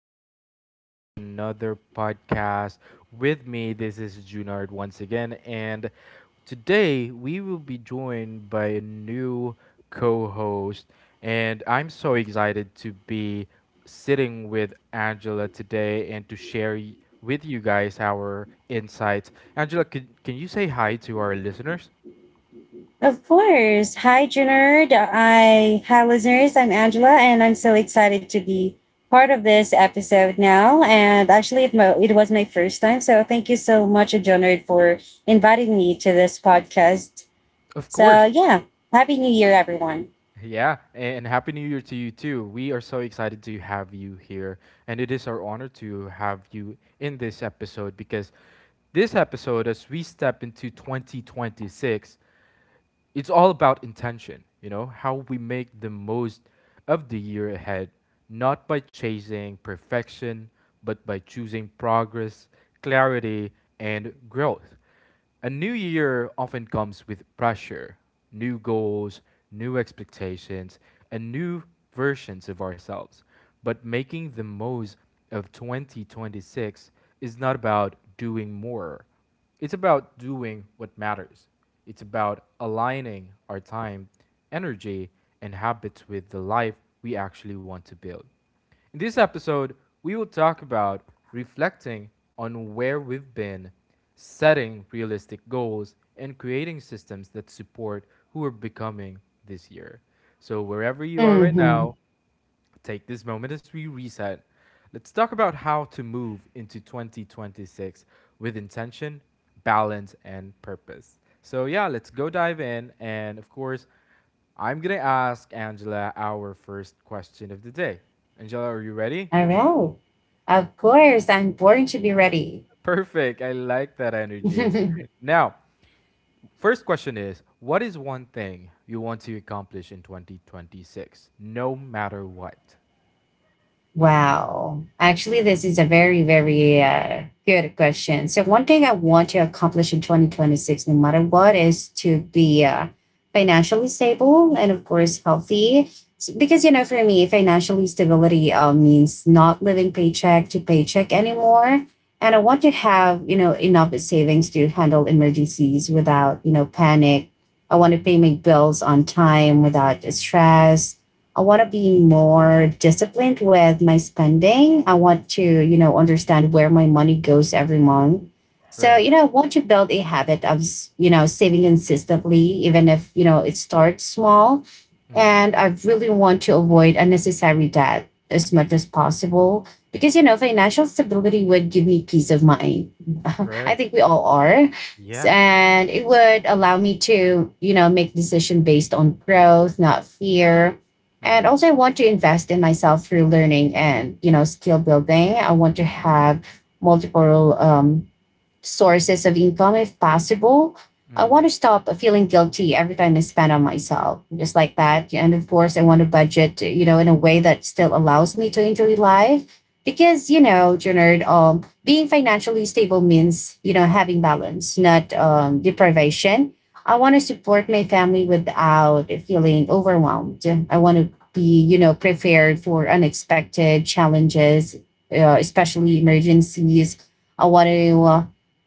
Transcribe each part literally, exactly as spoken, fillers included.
welcome back to another podcast. With me, this is Junard once again, and today we will be joined by a new co host. And I'm so excited to be sitting with Angela today and to share y- with you guys our insights. Angela, can, can you say hi to our listeners? Of course. Hi, Junard. I hi listeners. I'm Angela, and I'm so excited to be part of this episode now. And actually, it mo- it was my first time, so thank you so much, Junard, for inviting me to this podcast. Of So course. yeah, happy New Year, everyone. Yeah, and Happy New Year to you too. We are so excited to have you here, and it is our honor to have you in this episode because this episode, as we step into twenty twenty-six, it's all about intention, you know, how we make the most of the year ahead, not by chasing perfection, but by choosing progress, clarity, and growth. A new year often comes with pressure, new goals, new expectations, and new versions of ourselves. But making the most of twenty twenty-six is not about doing more. It's about doing what matters. It's about aligning our time, energy, and habits with the life we actually want to build. In this episode, we will talk about reflecting on where we've been, setting realistic goals, and creating systems that support who we're becoming this year. So, wherever you are right Mm-hmm. now, take this moment as we reset. Let's talk about how to move into twenty twenty-six with intention, balance, and purpose. So, yeah, let's go dive in. And of course, I'm going to ask Angela our first question of the day. Angela, are you ready? All right. Of course, I'm born to be ready. Perfect. I like that energy. Now, first question is, what is one thing you want to accomplish in twenty twenty-six, no matter what? Wow. Actually, this is a very, very uh, good question. So, one thing I want to accomplish in twenty twenty-six, no matter what, is to be uh, financially stable and, of course, healthy. S- Because, you know, for me, financially stability uh, means not living paycheck to paycheck anymore. And I want to have, you know, enough savings to handle emergencies without, you know, panic. I want to Mm, pay my bills on time without stress. I want to be more disciplined with my spending. I want to, you know, understand where my money goes every month. So, right. you know, I want to build a habit of, you know, saving consistently, even if, you know, it starts small. Mm, And I really want to avoid unnecessary debt as much as possible because, you know, financial stability would give me peace of mind. I right. think we all are. S- Yeah. And it would allow me to, you know, make decision based on growth, not fear. And Mhm. also I want to invest in myself through learning and, you know, skill building. I want to have multiple um, sources of income if possible. I want Mhm. to stop feeling guilty every time I spend on myself, just like that. And of course, I want to budget, you know, in a way that still allows me to enjoy life. Because, you know, Jernard, um, being financially stable means, you know, having balance, not um, deprivation. I want to support my family without feeling overwhelmed. I want to be, you know, prepared for unexpected challenges, uh, especially emergencies. I want to uh,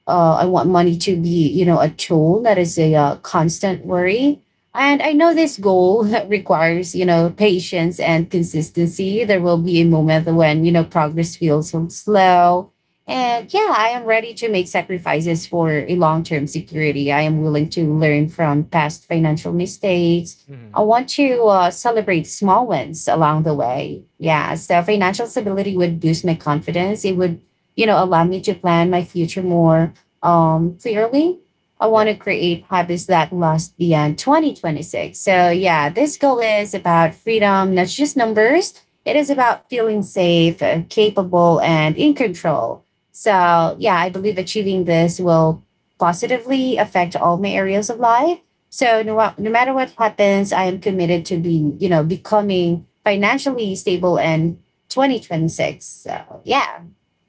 uh, I want money to be, you know, a tool that is a uh, constant worry. And I know this goal requires, you know, patience and consistency. There will be a moment when, you know, progress feels so slow. And yeah, I am ready to make sacrifices for a long term security. I am willing to learn from past financial mistakes. I Mhm. want to uh, celebrate small wins along the way. Yeah, so financial stability would boost my confidence. It would, you know, allow me to plan my future more um, clearly. I want Yeah. to create habits that last beyond twenty twenty-six. So, yeah, this goal is about freedom, not just numbers. It is about feeling safe, uh, capable, and in control. So, yeah, I believe achieving this will positively affect all my areas of life. So, no, wa- no matter what happens, I am committed to being, you know, becoming financially stable in twenty twenty-six. So, yeah,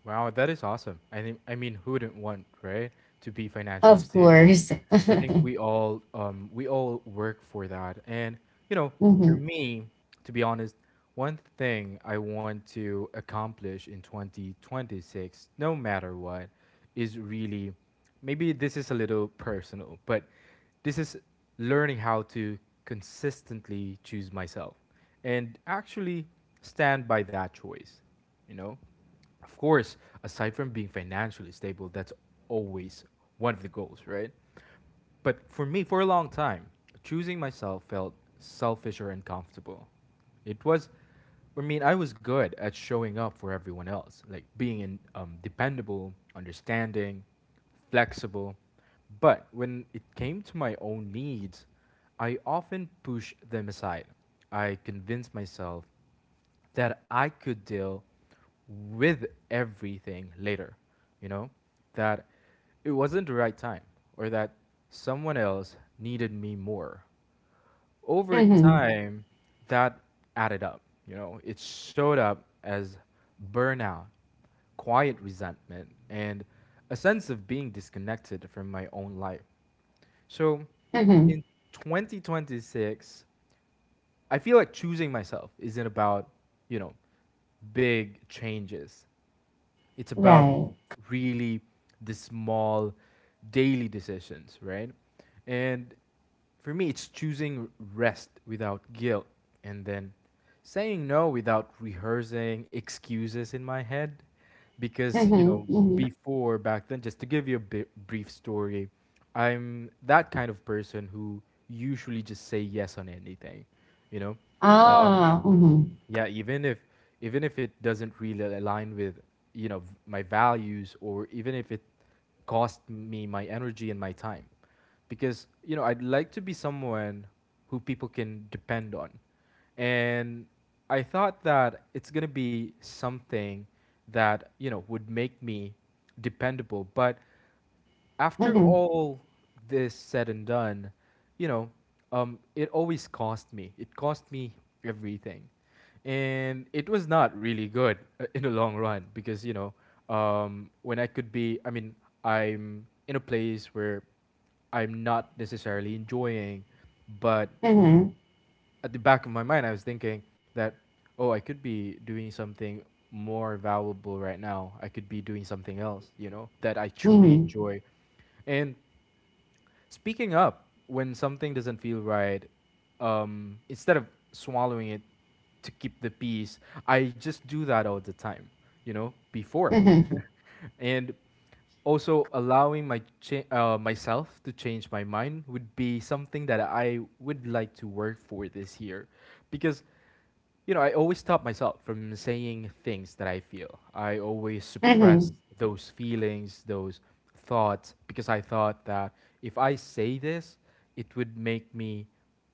Wow, that is awesome. I think, I mean, who wouldn't want, right, to be financially of stable? course. I think we all um, we all work for that. And you know, for hmm me, to be honest, one thing I want to accomplish in twenty twenty-six, no matter what, is really, maybe this is a little personal, but this is learning how to consistently choose myself and actually stand by that choice, you know? Of course, aside from being financially stable, that's always one of the goals, right? But for me, for a long time, choosing myself felt selfish or uncomfortable. It was, I mean, I was good at showing up for everyone else, like being in, um, dependable, understanding, flexible. But when it came to my own needs, I often pushed them aside. I convinced myself that I could deal with everything later, you know? That it wasn't the right time or that someone else needed me more. Over hmm time, that added up, you know? It showed up as burnout, quiet resentment, and a sense of being disconnected from my own life. So Mm-hmm. in twenty twenty-six, I feel like choosing myself isn't about, you know, big changes. It's about Right. really the small daily decisions, right? And for me, it's choosing rest without guilt and then saying no without rehearsing excuses in my head. Because, you know, Mm-hmm. Mm-hmm. before back then, just to give you a bi- brief story, I'm that kind of person who usually just say yes on anything, you know? Um, Ah. Mm-hmm. yeah, even if even if it doesn't really align with you know v- my values, or even if it cost me my energy and my time, because you know, I'd like to be someone who people can depend on, and I thought that it's going to be something that you know would make me dependable. But after Mm-hmm. all this said and done, you know, um, it always cost me. It cost me everything, and it was not really good uh, in the long run because you know, um, when I could be, I mean, I'm in a place where I'm not necessarily enjoying, but Mm-hmm. at the back of my mind, I was thinking that, oh, I could be doing something more valuable right now. I could be doing something else, you know, that I truly Mm-hmm. enjoy. And speaking up when something doesn't feel right, um, instead of swallowing it to keep the peace, I just do that all the time, you know, before. Mm-hmm. And also allowing my cha- uh, myself to change my mind would be something that I would like to work for this year, because you know, I always stop myself from saying things that I feel. I always suppress Mm-hmm. those feelings, those thoughts, because I thought that if I say this, it would make me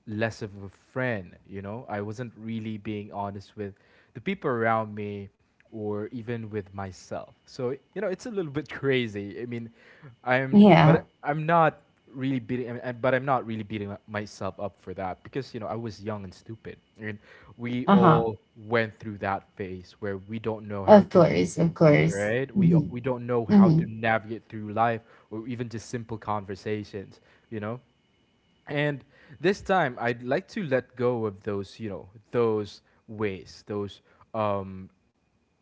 less of a friend. You know, I wasn't really being honest with the people around me or even with myself. So, you know, it's a little bit crazy. I mean, I'm, Yeah. but I'm not really beating, I mean, I- but I'm not really beating up- myself up for that because, you know, I was young and stupid. And we Uh-huh. all went through that phase where we don't know how Of to, course. Of course. right? We Mm-hmm. we don't know how to Mm-hmm. navigate through life or even just simple conversations, you know? And this time, I'd like to let go of those, you know, those ways, those um,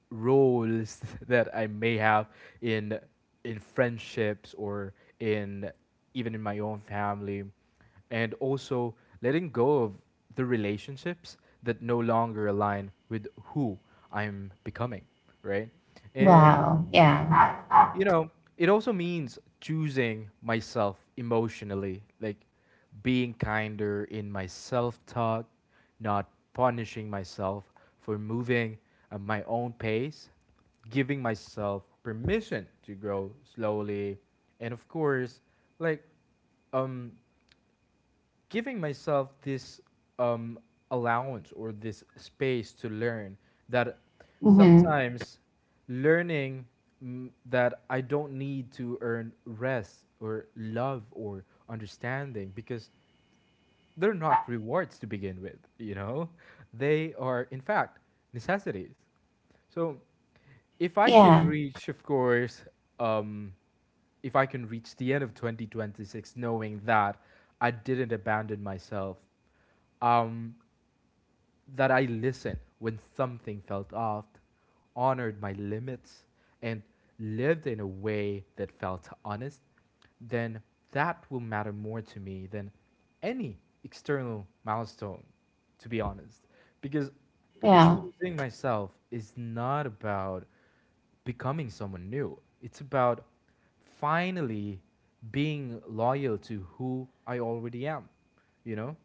roles that I may have in in friendships or in even in my own family, and also letting go of the relationships that no longer align with who I'm becoming, right? And Wow. Yeah. you know, it also means choosing myself emotionally, like being kinder in my self talk, not punishing myself for moving at my own pace, giving myself permission to grow slowly, and of course, like um giving myself this um, allowance or this space to learn that Mm-hmm. sometimes learning mm, that I don't need to earn rest or love or understanding because they're not rewards to begin with, you know? They are, in fact, necessities. So if I can Yeah. reach, of course, um, if I can reach the end of twenty twenty-six knowing that I didn't abandon myself, um, that I listened when something felt off, honored my limits, and lived in a way that felt honest, then that will matter more to me than any external milestone, to be honest. Because Yeah. choosing myself is not about becoming someone new, it's about finally being loyal to who I already am, you know?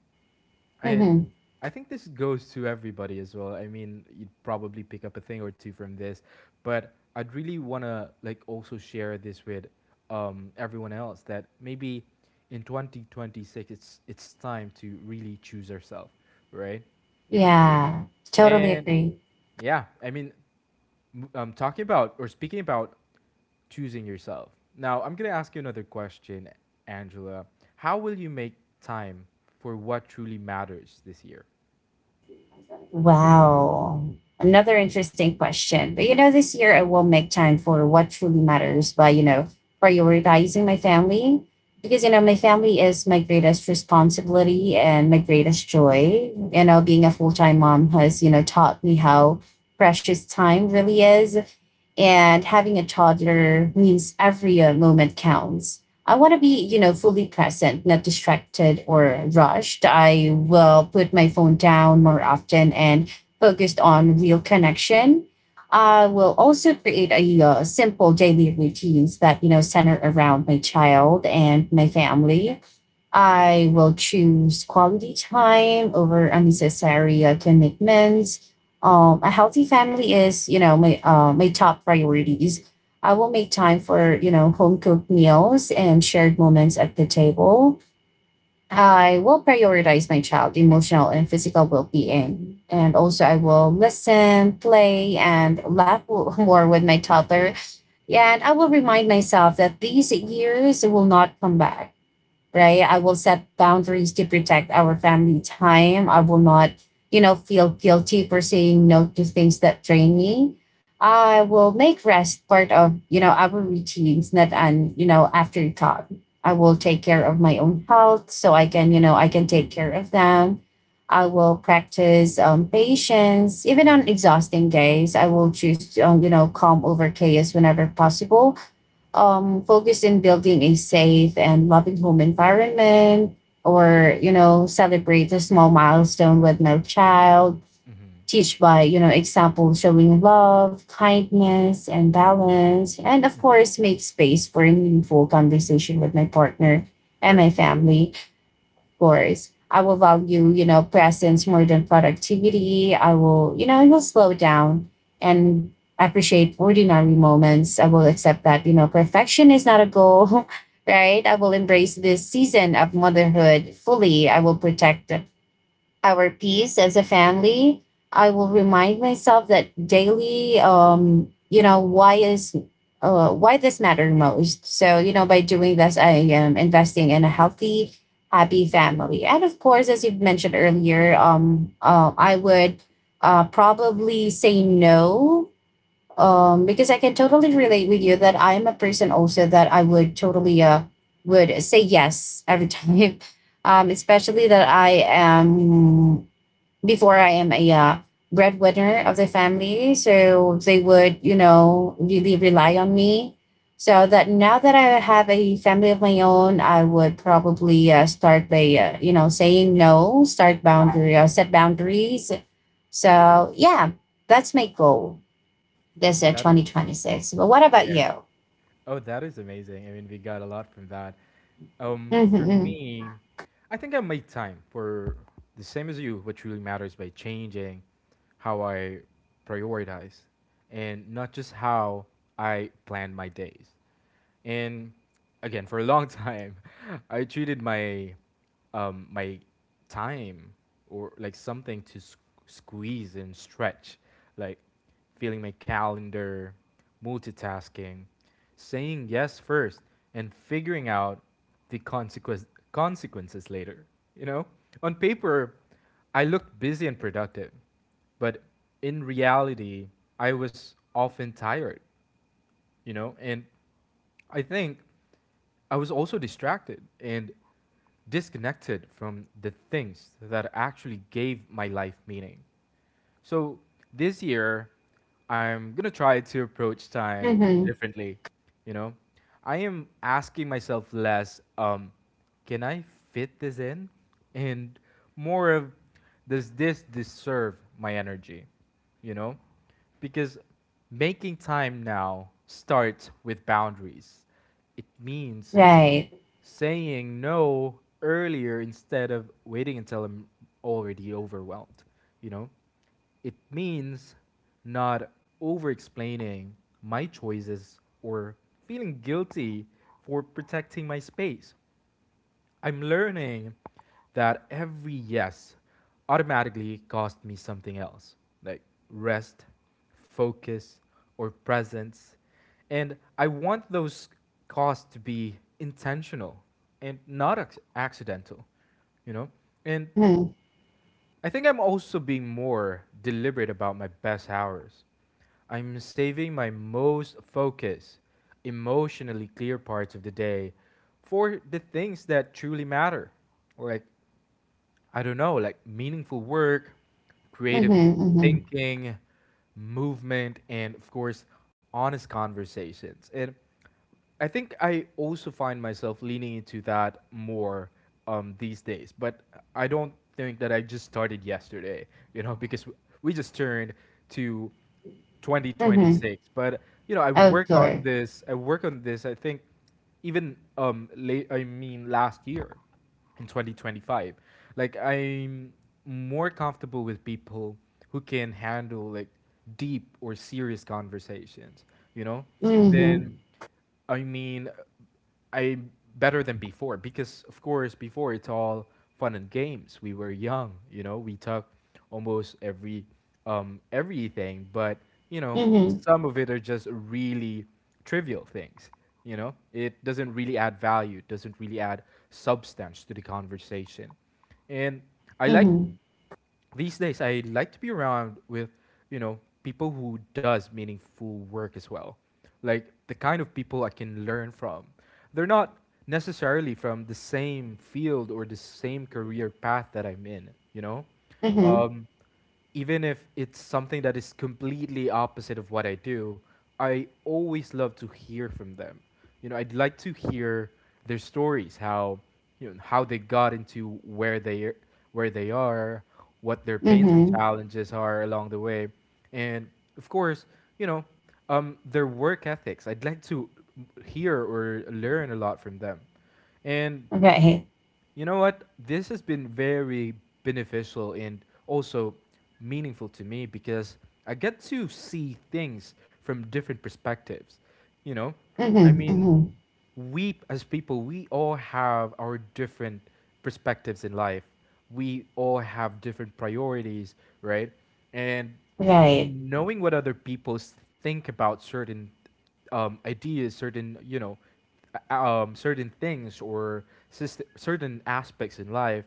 And Mm-hmm. I think this goes to everybody as well. I mean, you'd probably pick up a thing or two from this, but I'd really want to like also share this with um, everyone else that maybe in twenty twenty-six it's it's time to really choose ourselves, right? Yeah. Totally And agree. yeah, I mean, m- um, talking about or speaking about choosing yourself. Now, I'm going to ask you another question, Angela. How will you make time for what truly matters this year? Wow. Another interesting question. But you know, this year I will make time for what truly matters by, you know, prioritizing my family. Because, you know, my family is my greatest responsibility and my greatest joy. You know, being a full time mom has, you know, taught me how precious time really is. And having a toddler means every uh, moment counts. I want to be, you know, fully present, not distracted or rushed. I will put my phone down more often and focused on real connection. I will also create a uh, simple daily routines that, you know, center around my child and my family. I will choose quality time over unnecessary uh, commitments. Um, a healthy family is, you know, my uh, my top priorities. I will make time for, you know, home cooked meals and shared moments at the table. I will prioritize my child emotional and physical well-being. And also I will listen, play, and laugh w- more with my toddler. And I will remind myself that these years will not come back, right? I will set boundaries to protect our family time. I will not, you know, feel guilty for saying no to things that drain me. I will make rest part of, you know, our routines, not an, you know, afterthought. I will take care of my own health so I can, you know, I can take care of them. I will practice um, patience. Even on exhausting days, I will choose, um, you know, calm over chaos whenever possible, um, focused in building a safe and loving home environment or you know celebrate a small milestone with no child, Mm-hmm. teach by you know example showing love kindness and balance, and of Hmm. course make space for a meaningful conversation with my partner and Right. my family. Course. I will value, you know, presence more than productivity. I will, you know, I will slow down and appreciate ordinary moments. I will accept that, you know, perfection is not a goal, right? I will embrace this season of motherhood fully. I will protect our peace as a family. I will remind myself that daily, um, you know, why is uh, why this matter most. So, you know, by doing this, I am investing in a healthy, happy family. And of course, as you've mentioned earlier, um, uh, I would uh, probably say no, um, because I can totally relate with you that I am a person also that I would totally uh, would say yes every time. Um, especially that I am before I am a uh, breadwinner of the family. So they would, you know, really rely on me. So that now that I have a family of my own, I would probably uh, start by, uh, you know, saying no, start boundary, uh, set boundaries. So yeah, that's my goal this uh, That is, twenty twenty-six. But what yeah. about you? Oh, that is amazing. I mean, we got a lot from that. Um, Mm-hmm, For mm-hmm, me, I think I made time for the same as you. What truly matters by changing how I prioritize, and not just how I plan my days. And again, for a long time, I treated my um, my time or like something to s- squeeze and stretch, like feeling my calendar, multitasking, saying yes first, and figuring out the consequence consequences later. You know, on paper, I looked busy and productive, but in reality, I was often tired, you know, and I think I was also distracted and disconnected from the things that actually gave my life meaning. So this year I'm going to try to approach time mm-hmm. differently, you know. I am asking myself less, um can I fit this in, and more of, does this deserve my energy, you know? Because making time now starts with boundaries. It means Right. saying no earlier instead of waiting until I'm already overwhelmed, you know? It means not over explaining my choices or feeling guilty for protecting my space. I'm learning that every yes automatically cost me something else, like rest, focus, or presence. And I want those costs to be intentional and not ac- accidental, you know? And Mm-hmm, I think I'm also being more deliberate about my best hours. I'm saving my most focused, emotionally clear parts of the day for the things that truly matter, like I don't know, like meaningful work, mm-hmm, creative mm-hmm, thinking, movement, and of course, honest conversations. And I think I also find myself leaning into that more um, these days, but I don't think that I just started yesterday, you know, because w- we just turned to mm-hmm. twenty twenty-six. But you know, I Of work on course. this. I work on this. I think even um, late. I mean, last year in twenty twenty-five, like I'm more comfortable with people who can handle like deep or serious conversations, you know? Mm-hmm, Then I mean, I'm better than before, because of course before it's all fun and games, we were young, you know, we talk almost every um everything, but you know, mm-hmm, some of it are just really trivial things, you know, it doesn't really add value, it doesn't really add substance to the conversation. And I like mm-hmm, these days I like to be around with, you know, people who does meaningful work as well. Like the kind of people I can learn from. They're not necessarily from the same field or the same career path that I'm in, you know? mm-hmm. Um Even if it's something that is completely opposite of what I do, I always love to hear from them. You know, I'd like to hear their stories, how you know how they got into where they where they are, what their pains and Mhm. challenges are along the way, and of course, you know, um, their work ethics. I'd like to hear or learn a lot from them, and Right. you know what? This has been very beneficial and also meaningful to me because I get to see things from different perspectives. You know, I Mhm. mean, Mhm. we as people, we all have our different perspectives in life. We all have different priorities, right? And Right. knowing what other people think about certain um, ideas, certain you know, a- um, certain things or syst- certain aspects in life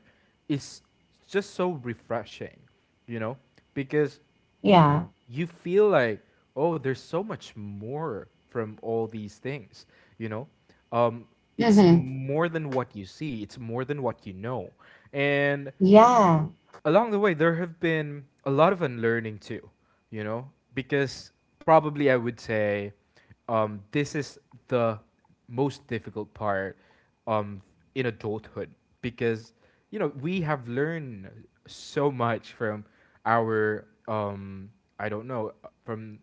is just so refreshing, you know, because Yeah. you feel like oh, there's so much more from all these things, you know. Um, it's Mhm. more than what you see. It's more than what you know, and Yeah. along the way there have been a lot of unlearning too, you know, because probably I would say um, this is the most difficult part um, in adulthood because you know we have learned so much from our um, I don't know, from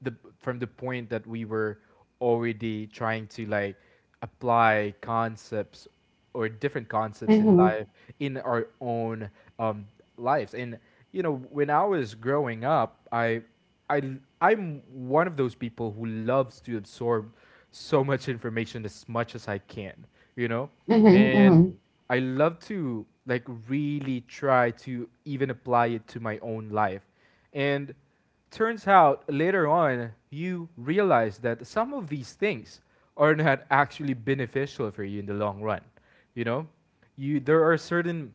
the from the point that we were already trying to like apply concepts or different concepts in Mhm. life in our own um, lives. And you know when I was growing up, i i I'm one of those people who loves to absorb so much information as much as I can, you know. Mhm. And Mhm. I love to like really try to even apply it to my own life, and turns out later on, you realize that some of these things are not actually beneficial for you in the long run. You know, you there are certain,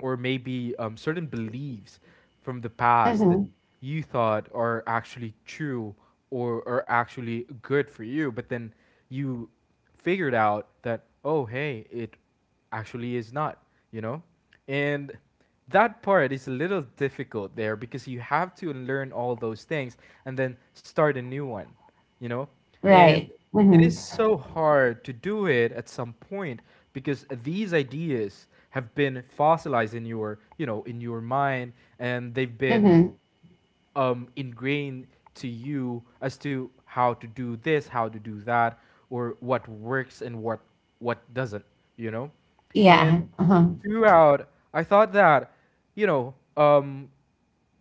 or maybe um, certain beliefs from the past that Mhm. you thought are actually true or are actually good for you, but then you figured out that oh hey, it actually is not, you know? And that part is a little difficult there because you have to learn all those things and then start a new one, you know? And Right. it is Mhm. so hard to do it at some point because these ideas have been fossilized in your, you know, in your mind, and they've been Mhm. um, ingrained to you as to how to do this, how to do that, or what works and what what doesn't, you know? And Yeah. Uh-huh. throughout, I thought that, you know, um,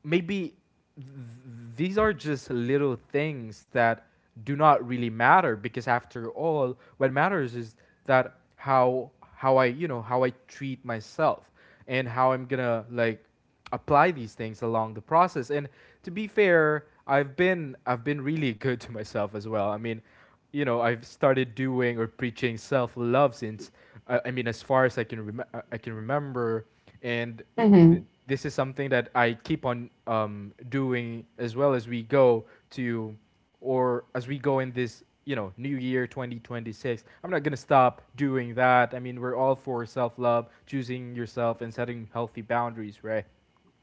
maybe th- these are just little things that do not really matter because after all what matters is that how how I, you know, how I treat myself and how I'm gonna like apply these things along the process. And to be fair, I've been I've been really good to myself as well. I mean, you know, I've started doing or preaching self love since I, I mean, as far as I can rem- I can remember, and th- Mhm. this is something that I keep on um, doing as well as we go to, or as we go in this you know new year twenty twenty-six. I'm not going to stop doing that. I mean, we're all for self-love, choosing yourself and setting healthy boundaries, right?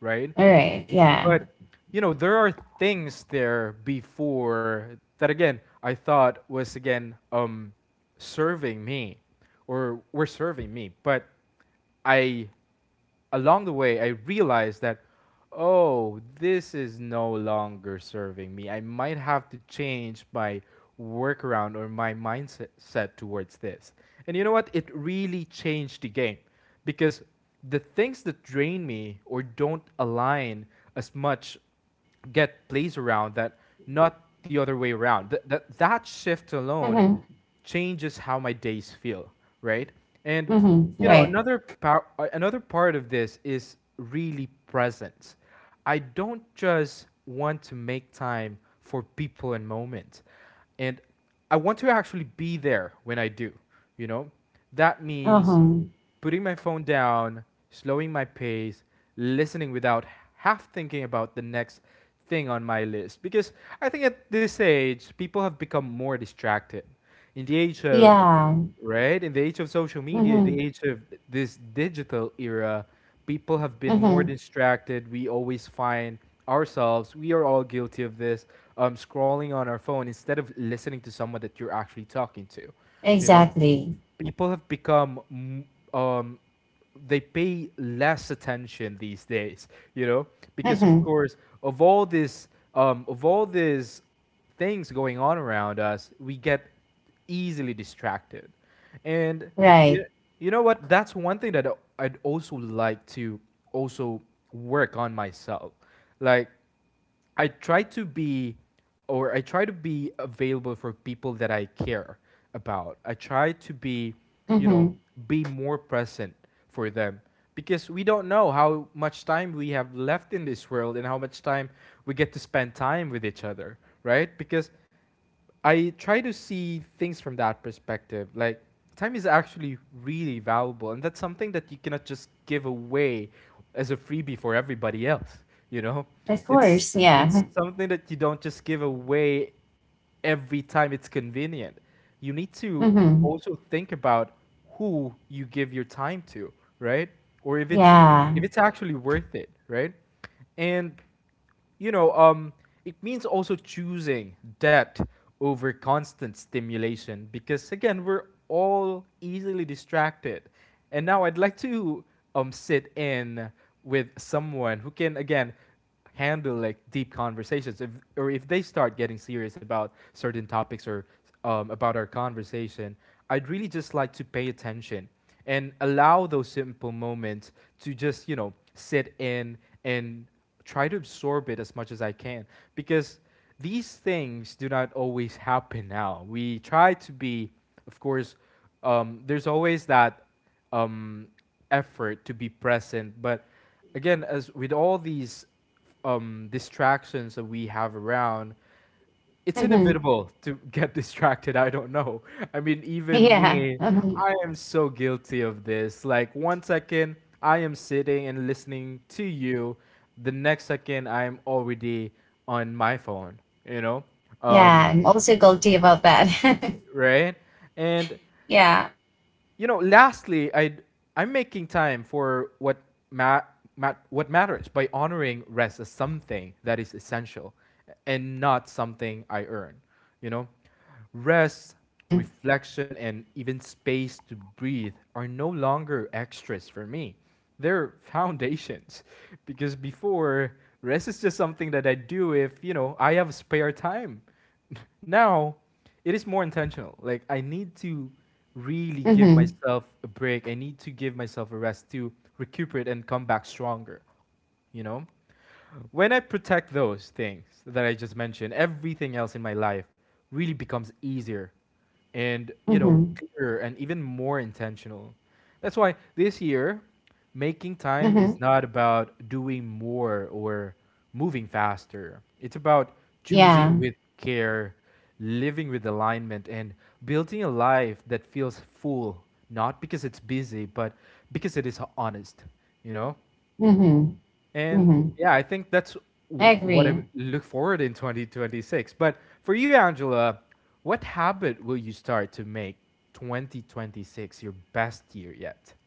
Right. All right. Yeah. But you know there are things there before that again I thought was again um serving me or were serving me, but I, along the way, I realized that, oh, this is no longer serving me. I might have to change my workaround or my mindset set towards this. And you know what? It really changed the game because the things that drain me or don't align as much get plays around that, not the other way around. Th- that, that shift alone Mhm. changes how my days feel, right? And Mhm. you know, Right. another pow- uh, another part of this is really presence. I don't just want to make time for people and moments. And I want to actually be there when I do, you know? That means Uh-huh. putting my phone down, slowing my pace, listening without half thinking about the next thing on my list. Because I think at this age, people have become more distracted. In the age of, Yeah. right? In the age of social media, in the Mhm. age of this digital era, people have been more Mhm. distracted. We always find ourselves, we are all guilty of this, um, scrolling on our phone instead of listening to someone that you're actually talking to, you know? Exactly. People have become um they pay less attention these days, you know, because of Mhm. course of all this um of all these things going on around us, we get easily distracted. And you, Right. you know what, that's one thing that I- I'd also like to also work on myself. Like I try to be, or I try to be available for people that I care about. I try to be, you know, Mhm. be more present for them because we don't know how much time we have left in this world and how much time we get to spend time with each other, right? Because I try to see things from that perspective. Like, time is actually really valuable, and that's something that you cannot just give away as a freebie for everybody else. You know, Of it's course. it's Yeah. something that you don't just give away every time it's convenient. You need to Mhm. also think about who you give your time to, right? Or if it's, Yeah. if it's actually worth it, right? And you know, um, it means also choosing depth over constant stimulation because, again, we're all easily distracted. And now I'd like to um, sit in with someone who can, again, handle like deep conversations, if, or if they start getting serious about certain topics or um, about our conversation, I'd really just like to pay attention and allow those simple moments to just you know sit in and try to absorb it as much as I can because these things do not always happen now. We try to be, of course, um, there's always that um, effort to be present, but again, as with all these um, distractions that we have around, it's Mhm. inevitable to get distracted. I don't know. I mean, even Yeah. me, Mhm. I am so guilty of this. Like, one second, I am sitting and listening to you. The next second, I am already on my phone, you know? Yeah. Um, I'm also guilty about that. right? And Yeah. you know, lastly, I I'm making time for what Matt. Mat- what matters by honoring rest as something that is essential and not something I earn. You know, rest, Mm-hmm. reflection, and even space to breathe are no longer extras for me. They're foundations. Because before, rest is just something that I do if, you know, I have spare time. Now, it is more intentional. Like I need to really give Mm-hmm. myself a break. I need to give myself a rest to recuperate and come back stronger. You know? When I protect those things that I just mentioned, everything else in my life really becomes easier and you know Mm-hmm. clearer and even more intentional. That's why this year making time is Mm-hmm. not about doing more or moving faster, it's about Yeah. choosing with care, living with alignment, and building a life that feels full, not because it's busy, but because it is honest, you know. Mm-hmm. And Mm-hmm. yeah, I think that's I w- what I agree. look forward in twenty twenty-six. But for you, Angela, what habit will you start to make twenty twenty-six your best year yet?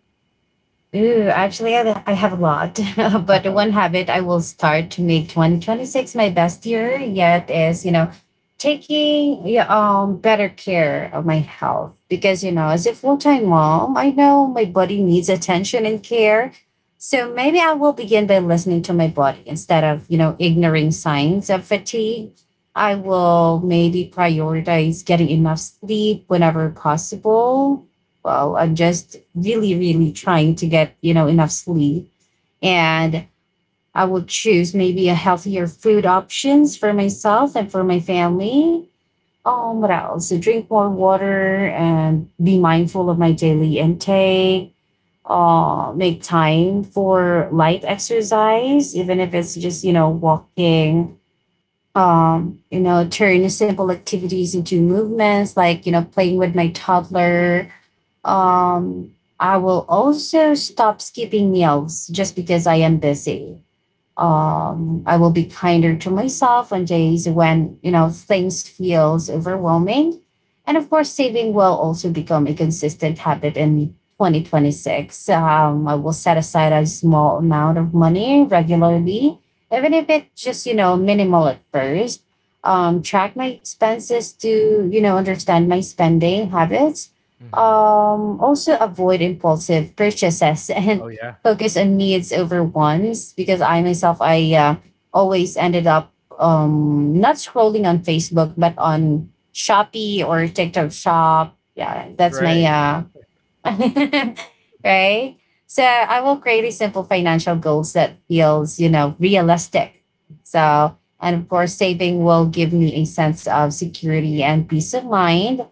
Ooh, actually, I, I have a lot, but one habit I will start to make twenty twenty-six my best year yet is, you know, taking yeah, um better care of my health because, you know, as a full-time mom, I know my body needs attention and care. So maybe I will begin by listening to my body instead of, you know, ignoring signs of fatigue. I will maybe prioritize getting enough sleep whenever possible. Well, I'm just really really trying to get you know enough sleep. And I will choose maybe a healthier food options for myself and for my family. Um, what else? So drink more water and be mindful of my daily intake, uh make time for light exercise even if it's just you know walking, um you know turn simple activities into movements like you know playing with my toddler. um, I will also stop skipping meals just because I am busy. um, I will be kinder to myself on days when you know things feels overwhelming, and of course, saving will also become a consistent habit in twenty twenty-six. Um, I will set aside a small amount of money regularly, even if it just you know minimal at first. Um, track my expenses to you know understand my spending habits. Hmm. Um, also avoid impulsive purchases and Oh yeah. focus on needs over wants, because I myself I uh, always ended up um not scrolling on Facebook but Mhm. on Shopee or TikTok shop. Yeah, that's my Right. uh right? So I will create a simple financial goals that feels, you know, realistic. So, and of course, saving will give me a sense of security and peace of mind.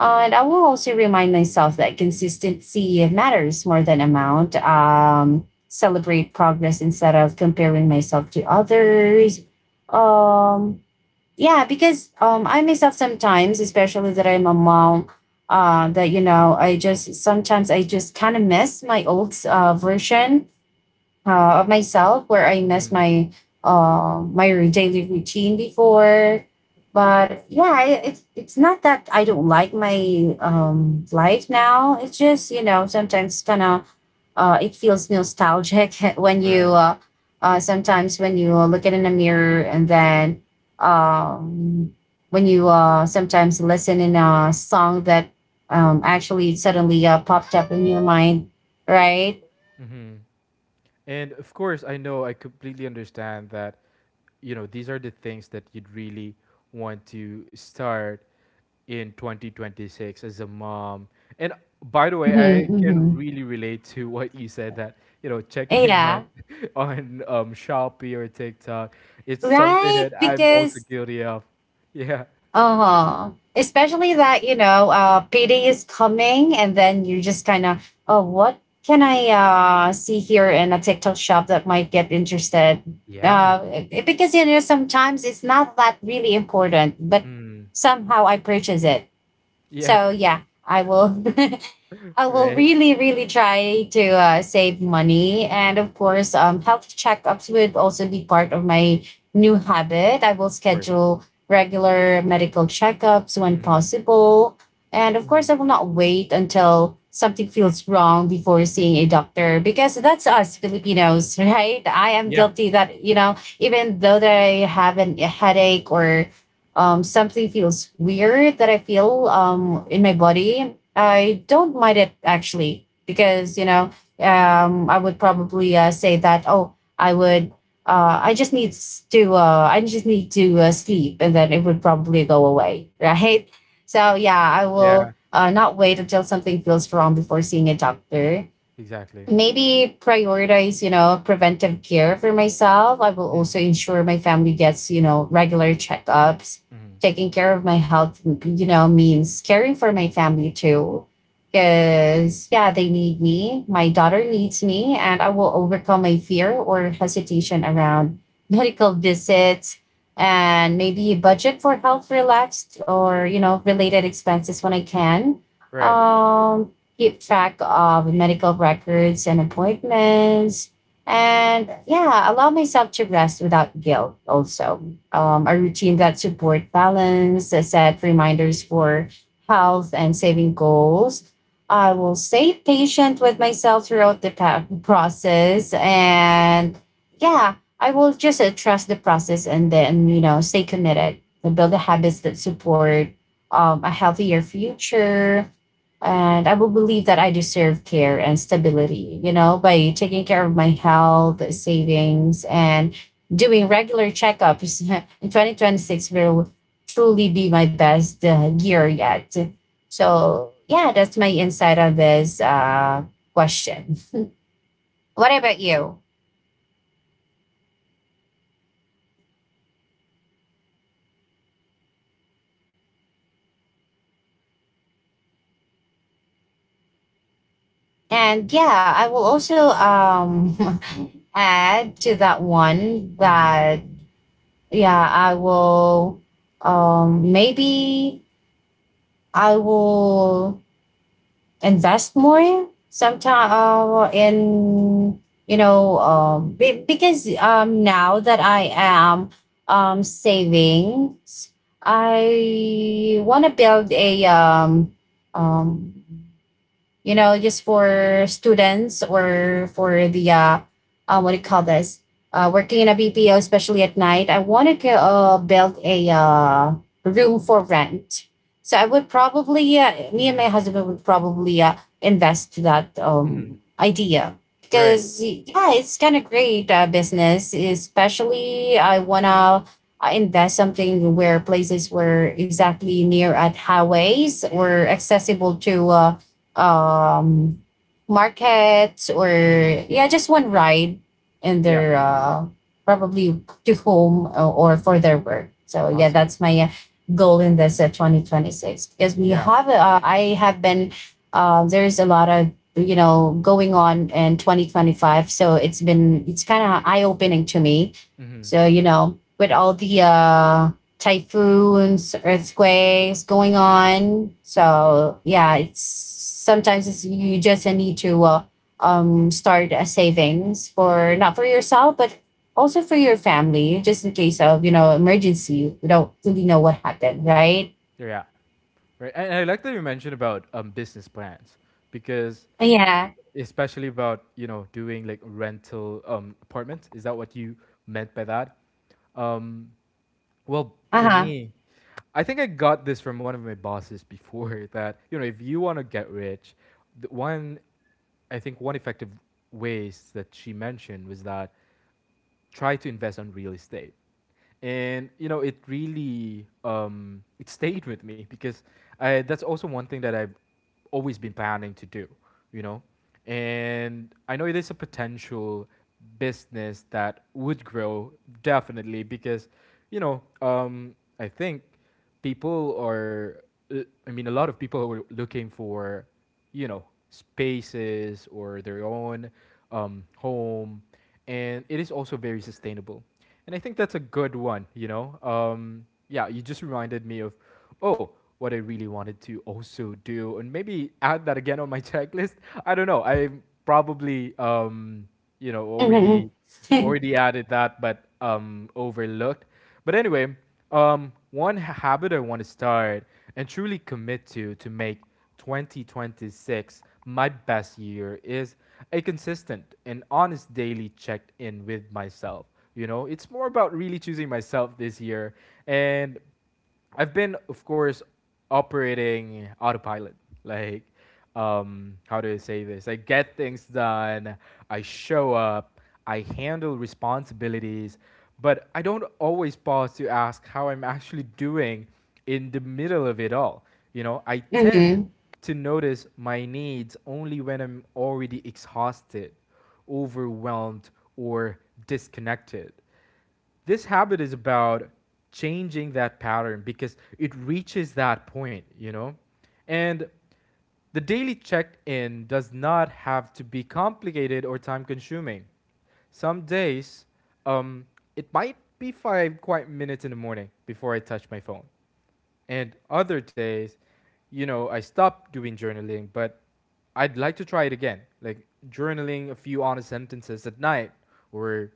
And I will also remind myself that consistency matters more than amount. Um, celebrate progress instead of comparing myself to others. Um, yeah because um I myself sometimes especially that I'm a mom, uh that you know I just sometimes I just kind of miss my old uh, version uh, of myself where I miss Mhm. my uh my daily routine before. But yeah, I- it's it's not that I don't like my um life now, it's just you know sometimes kind of uh, it feels nostalgic when you Right. uh, uh, sometimes when you uh, look it in the mirror and then um, when you uh, sometimes listen in a song that um, actually suddenly uh, popped up in your mind, right? Hmm. And of course, I know I completely understand that, you know, these are the things that you'd really want to start in twenty twenty-six as a mom. And by the way, Mm-hmm, I can mm-hmm. really relate to what you said that, you know, checking on Yeah, on um Shopee or TikTok, it's something right. that I'm also Because guilty of. Yeah. Uh-huh. Especially that, you know, uh payday is coming and then you just kind of, oh, what can I uh see here in a TikTok shop that might get interested? Yeah. Uh it- because you know sometimes it's not that really important, but Mm. somehow I purchase it. Yeah. So yeah, I will I will Right. really, really try to uh, save money. And of course, um, health checkups would also be part of my new habit. I will Of course. schedule regular medical checkups when Mm-hmm. possible. And of course, I will not wait until something feels wrong before seeing a doctor because that's us Filipinos, right? I am Yeah. guilty that, you know, even though that I have an, a headache or um, something feels weird that I feel um, in my body. I don't mind it actually because you know um, I would probably uh, say that, oh, I would uh, I just need to, uh, I just need to uh, sleep, and then it would probably go away, right? So yeah, I will Yeah. uh, not wait until something feels wrong before seeing a doctor. Exactly. Maybe prioritize, you know, preventive care for myself. I will also ensure my family gets, you know, regular checkups. Mm-hmm. Taking care of my health, you know, means caring for my family too. Because, yeah, they need me. My daughter needs me, and I will overcome my fear or hesitation around medical visits and maybe budget for health relaxed or, you know, related expenses when I can. Right. Um, Keep track of medical records and appointments. And yeah, allow myself to rest without guilt also. Um, a routine that support balance, uh, set reminders for health and saving goals. I will stay patient with myself throughout the pa- process. And yeah, I will just uh, trust the process and then, you know, stay committed and build the habits that support um, a healthier future. And I will believe that I deserve care and stability, you know, by taking care of my health, savings, and doing regular checkups. In twenty twenty-six will truly be my best uh, year yet. So, yeah, that's my insight on this uh, question. What about you? And yeah, I will also, um, add to that one Mhm, that, yeah, I will, um, maybe I will invest more sometime uh, in, you know, um, be- because um, now that I am, um, savings, I want to build a, um, um, you know, just for students or for the uh, uh what do you call this? Uh, working in a B P O, especially at night, I want to uh, build a uh, room for rent. So I would probably, uh, me and my mhm, husband would probably uh, invest to that mhm. um, idea, Right. because yeah, it's kind of great uh, business. Especially, I wanna uh, invest something where places were exactly near at highways or accessible to uh, um markets, or Mhm. yeah, just one ride in Yeah. their uh probably to home, uh, or for their work. So yeah, Awesome. that's my uh, goal in this uh, twenty twenty-six, because we Yeah. have uh, I have been uh, there's a lot of, you know, going on in twenty twenty-five. So it's been it's kind of eye-opening to me. Mhm. So you know, with all the uh typhoons, earthquakes going on. So yeah, it's sometimes it's, you just need to uh, um start a savings, for not for yourself but also for your family, just in case of, you know, emergency. We don't really know what happened, right? Yeah. Right. And I like that you mentioned about um business plans because Yeah. especially about, you know, doing like rental um apartment. Is that what you meant by that? Um well, Uh for huh. me, I think I got this from one of my bosses before that, you know, if you want to get rich, the one I think one effective ways that she mentioned was that try to invest on real estate and you know it really um, it stayed with me because I, that's also one thing that I've always been planning to do, you know, and I know it is a potential business that would grow definitely because you know um, I think people are uh, I mean a lot of people are looking for you know spaces or their own um, home. And it is also very sustainable and I think that's a good one. You know um, yeah, you just reminded me of oh what I really wanted to also do and maybe add that again on my checklist. I don't know, I probably um, you know already Mm-hmm. already added that but um, overlooked. But anyway, um, one habit I want to start and truly commit to to make twenty twenty six my best year is a consistent and honest daily check in with myself. You know, it's more about really choosing myself this year. And I've been, of course, operating autopilot. Like, um, how do I say this? I get things done. I show up. I handle responsibilities, but I don't always pause to ask how I'm actually doing in the middle of it all. You know, I tend Mm-hmm. to notice my needs only when I'm already exhausted, overwhelmed, or disconnected. This habit is about changing that pattern because it reaches that point, you know? And the daily check in does not have to be complicated or time consuming. Some days, um, it might be five quiet minutes in the morning before I touch my phone, and other days, you know, I stopped doing journaling, but I'd like to try it again, like journaling a few honest sentences at night, or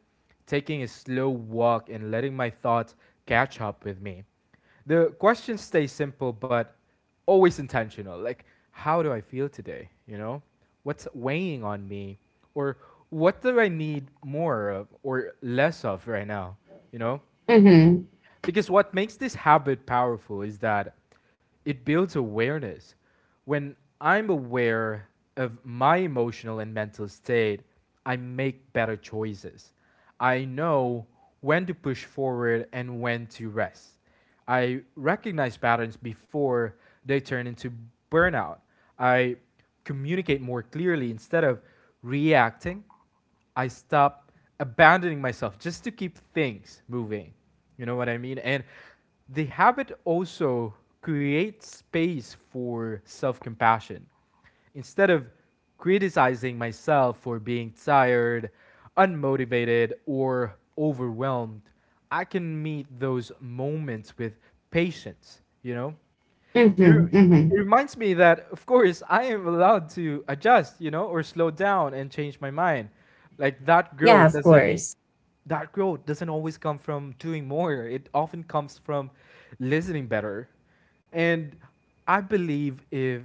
taking a slow walk and letting my thoughts catch up with me. The questions stay simple but always intentional, like how do I feel today, you know, what's weighing on me, or what do I need more of or less of right now, you know? Mm-hmm. Because what makes this habit powerful is that it builds awareness. When I'm aware of my emotional and mental state, I make better choices. I know when to push forward and when to rest. I recognize patterns before they turn into burnout. I communicate more clearly instead of reacting. I stop abandoning myself just to keep things moving. You know what I mean? And the habit also creates space for self compassion. Instead of criticizing myself for being tired, unmotivated, or overwhelmed, I can meet those moments with patience, you know? it, re- Mm-hmm. Mm-hmm. it reminds me that of course I am allowed to adjust, you know, or slow down and change my mind. like that Yeah, growth of doesn't course. that growth doesn't always come from doing more. It often comes from listening better. And I believe if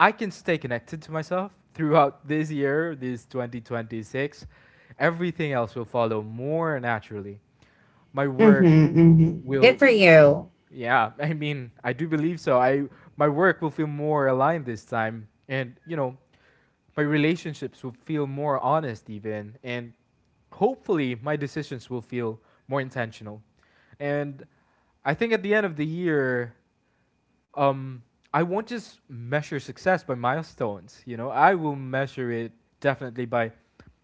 I can stay connected to myself throughout this year, this twenty twenty six. Everything else will follow more naturally. My Mm-hmm. work Mm-hmm. Good will. for you. Yeah, I mean, I do believe so. I my work will feel more aligned this time, and you know, my relationships will feel more honest, even, and hopefully, my decisions will feel more intentional. And I think at the end of the year, um, I won't just measure success by milestones. You know, I will measure it definitely by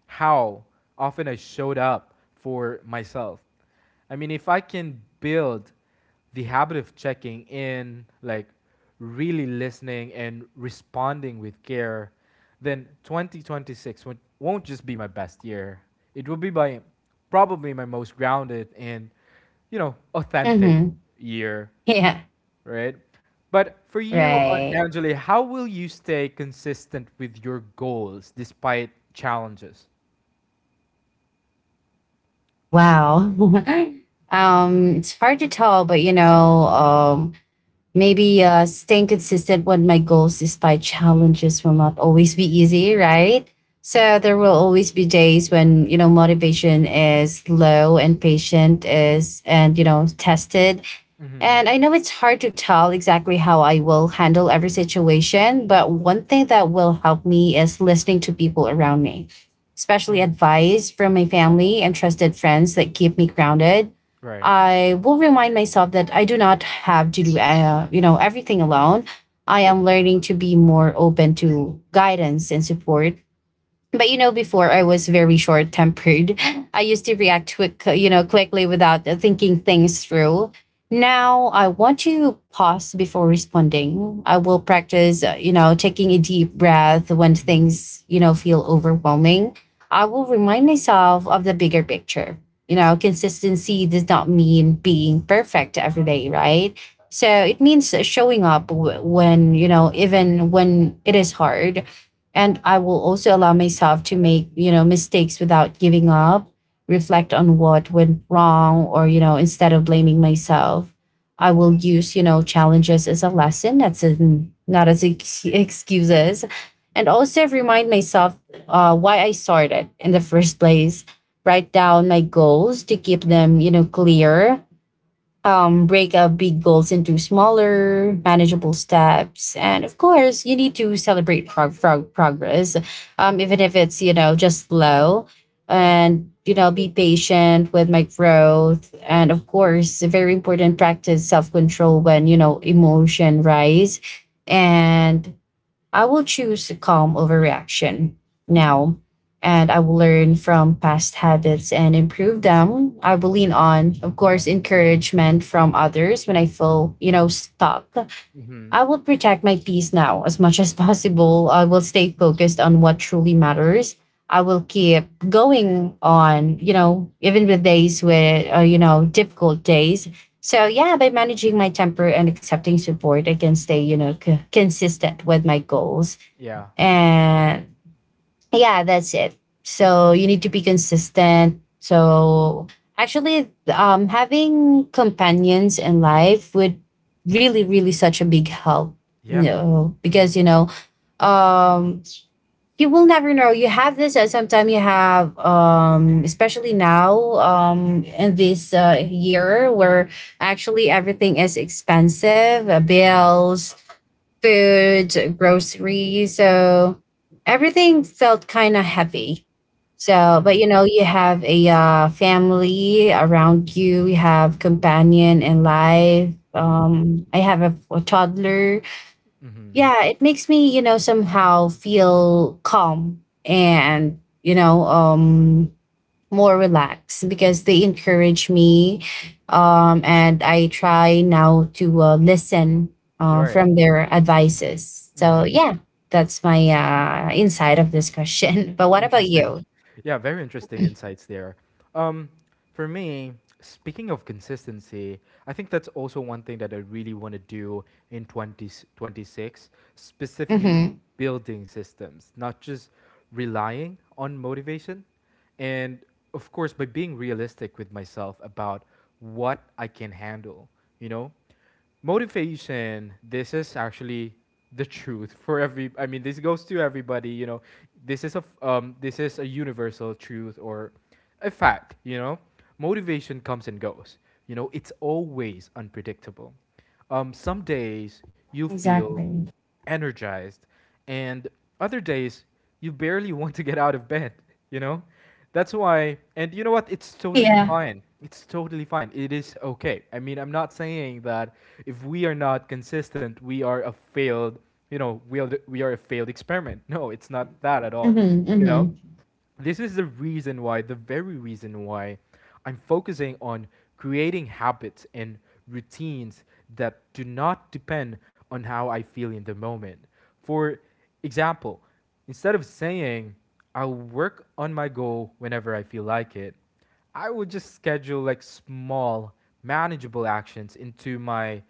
how often I showed up for myself. I mean, if I can build the habit of checking in, like really listening and responding with care, then twenty twenty six won't won't just be my best year. It will be my probably my most grounded and, you know, authentic Mm-hmm. year, Yeah. right? But for you, uh, Right. Anjali, how will you stay consistent with your goals despite challenges? Wow. Um, it's hard to tell, but you know, um, maybe uh, staying consistent with my goals despite challenges will not always be easy, right? So there will always be days when you know motivation is low and patient is, and you know, tested. Mm-hmm. And I know it's hard to tell exactly how I will handle every situation, but one thing that will help me is listening to people around me, especially Hmm. advice from my family and trusted friends that keep me grounded. Right. I will remind myself that I do not have to do, uh, you know, everything alone. I am learning to be more open to guidance and support. But you know, before I was very short tempered. I used to react quick you know quickly without uh, thinking things through. Now I want to pause before responding. I will practice, uh, you know, taking a deep breath when things, you know, feel overwhelming. I will remind myself of the bigger picture. You know, consistency does not mean being perfect every day, right? So it means showing up w- when, you know, even when it is hard. And I will also allow myself to make, you know, mistakes without giving up. Reflect on what went wrong, or you know, instead of blaming myself, I will use, you know, challenges as a lesson that's in, not as ex- excuses. And also remind myself uh, why I started in the first place. Write down my goals to keep them, you know, clear. Um, break up big goals into smaller, manageable steps. And of course, you need to celebrate prog- prog- progress, um, even if it's, you know, just slow. And, you know, be patient with my growth. And of course, a very important practice self control when, you know, emotion rise. And I will choose calm over reaction now, and I will learn from past habits and improve them. I will lean on, of course, encouragement from others when I feel, you know, stuck. Mm-hmm. I will protect my peace now as much as possible. I will stay focused on what truly matters. I will keep going on, you know, even with days with, uh, you know, difficult days. So yeah, by managing my temper and accepting support, I can stay, you know, c- consistent with my goals. Yeah. And yeah, that's it. So you need to be consistent. So actually, um, having companions in life would really, really such a big help. You Yeah. know, Mm-hmm. because you know, um, you will never know. You have this, and sometimes you have, um, especially now, um, in this uh, year where actually everything is expensive, uh, Mm-hmm. bills, food, groceries. So everything felt kind of heavy. So, but you know, you have a uh, family around you, you have companion in life. Mm-hmm. Um, I have a, a toddler. Mm-hmm. Yeah, it makes me, you know, somehow feel calm and, you know, um, more relaxed because they encourage me, um, and I try now to uh, listen uh, Right. from their advices. So yeah, that's my uh, insight of this question. But what about Interesting. you? Yeah, very interesting insights there. Um, for me, speaking of consistency, I think that's also one thing that I really want to do in twenty twenty six, specifically in Mm-hmm. building systems, not just relying on motivation. And of course, by being realistic with myself about what I can handle, you know? Motivation, this is actually the truth for every, I mean this goes to everybody, you know, this is a f- um, this is a universal truth or a fact, you know. Motivation comes and goes, you know, it's always unpredictable. Um, some days you feel Exactly. energized. And other days, you barely want to get out of bed, you know? That's why, and you know what? It's totally Yeah. fine. It's totally fine. It is okay. I mean, I'm not saying that if we are not consistent, we are a failed, you know, we are, we are a failed experiment. No, it's not that at all, Mm-hmm, you know? mm-hmm, This is the reason why, the very reason why I'm focusing on creating habits and routines that do not depend on how I feel in the moment. For example, instead of saying, I'll work on my goal whenever I feel like it, I would just schedule like small, manageable actions into my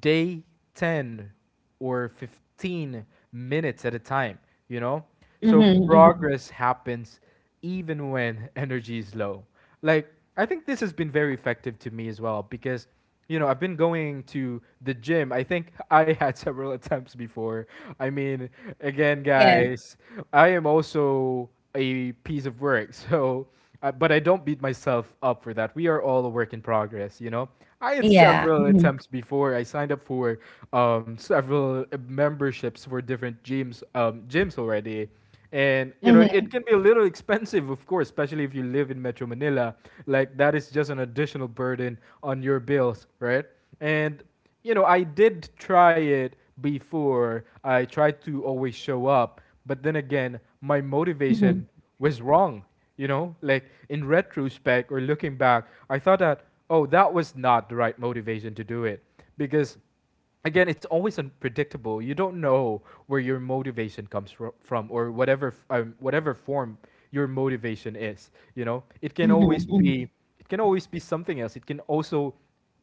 day, ten or fifteen minutes at a time, you know? So mm-hmm, mm-hmm. progress happens even when energy is low. Like, I think this has been very effective to me as well because you know, I've been going to the gym. I think I had several attempts before. I mean, again, Yeah, guys, I am also a piece of work. So, uh, but I don't beat myself up for that. We are all a work in progress, you know? I had yeah. several Mm-hmm, attempts before. I signed up for um, several memberships for different gyms, um, gyms already. And you know, mm-hmm, it can be a little expensive, of course, especially if you live in Metro Manila. Like that is just an additional burden on your bills, right? And you know, I did try it before. I tried to always show up, but then again, my mm-hmm, motivation was wrong. You know, like in retrospect or looking back, I thought that, oh, that was not the right motivation to do it, because again, it's always unpredictable. You don't know where your motivation comes from, or whatever f- um, whatever form your motivation is. You know, it can mm-hmm. always Mm-hmm. be it can always be something else. It can also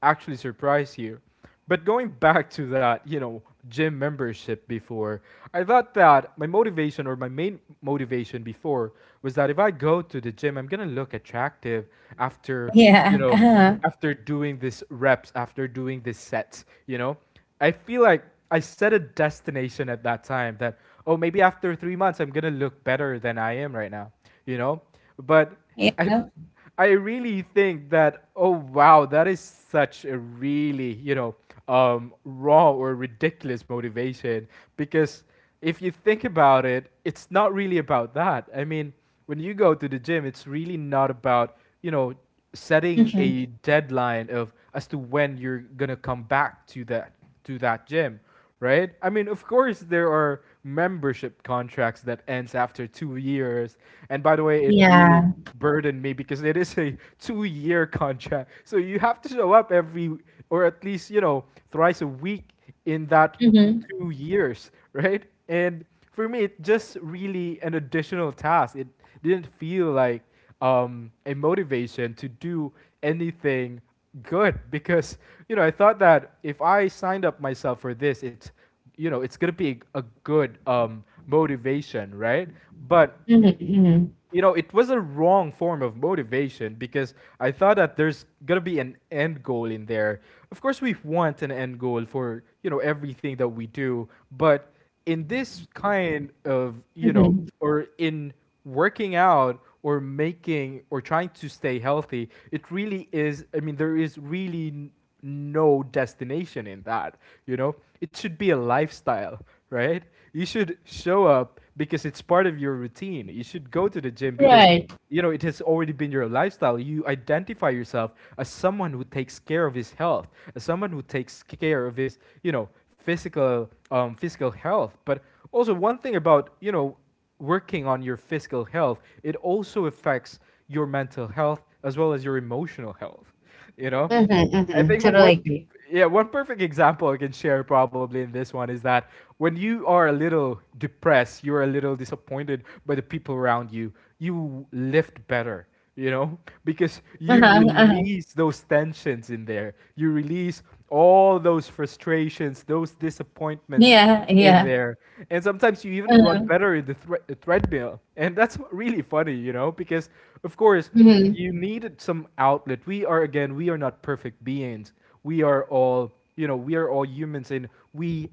actually surprise you. But going back to that, you know, gym membership before, I thought that my motivation or my main motivation before was that if I go to the gym, I'm gonna look attractive after, you Yeah. know, Uh-huh. after doing this reps, after doing this sets, you know. I feel like I set a destination at that time that, oh, maybe after three months, I'm going to look better than I am right now, you know? But I, Yeah. I really think that, oh, wow, that is such a really, you know, um, raw or ridiculous motivation, because if you think about it, it's not really about that. I mean, when you go to the gym, it's really not about, you know, setting Mm-hmm. a deadline of as to when you're gonna come back to that to that gym, right? I mean, of course there are membership contracts that ends after two years. And by the way, it really Yeah. burdened me because it is a two-year contract. So you have to show up every or at least, you know, thrice a week in that Mm-hmm, two years, right? And for me, it's just really an additional task. It didn't feel like um, a motivation to do anything good, because you know I thought that if I signed up myself for this, it's you know it's gonna be a good um, motivation, right? But mm-hmm, mm-hmm. you know, it was a wrong form of motivation, because I thought that there's gonna be an end goal in there. Of course, we want an end goal for you know everything that we do, but in this kind of you know, Mm-hmm. or in working out or making or trying to stay healthy, it really is. I mean, there is really no destination in that. You know, it should be a lifestyle, right? You should show up because it's part of your routine. You should go to the gym because Right. you know it has already been your lifestyle. You identify yourself as someone who takes care of his health, as someone who takes care of his, you know, physical um, physical health. But also one thing about you know working on your physical health, it also affects your mental health as well as your emotional health. You know, Mhm, I mhm, think one totally agree. yeah, one perfect example I can share probably in this one is that when you are a little depressed, you're a little disappointed by the people around you, you lift better, you know? Because you Uh-huh, uh-huh. release those tensions in there. You release all those frustrations, those disappointments Yeah, in yeah. there. And sometimes you even run Uh-huh. better in the thre- the treadmill. And that's really funny, you know, because of course Mhm, you needed some outlet. We are again, we are not perfect beings. We are all, you know, we are all humans and we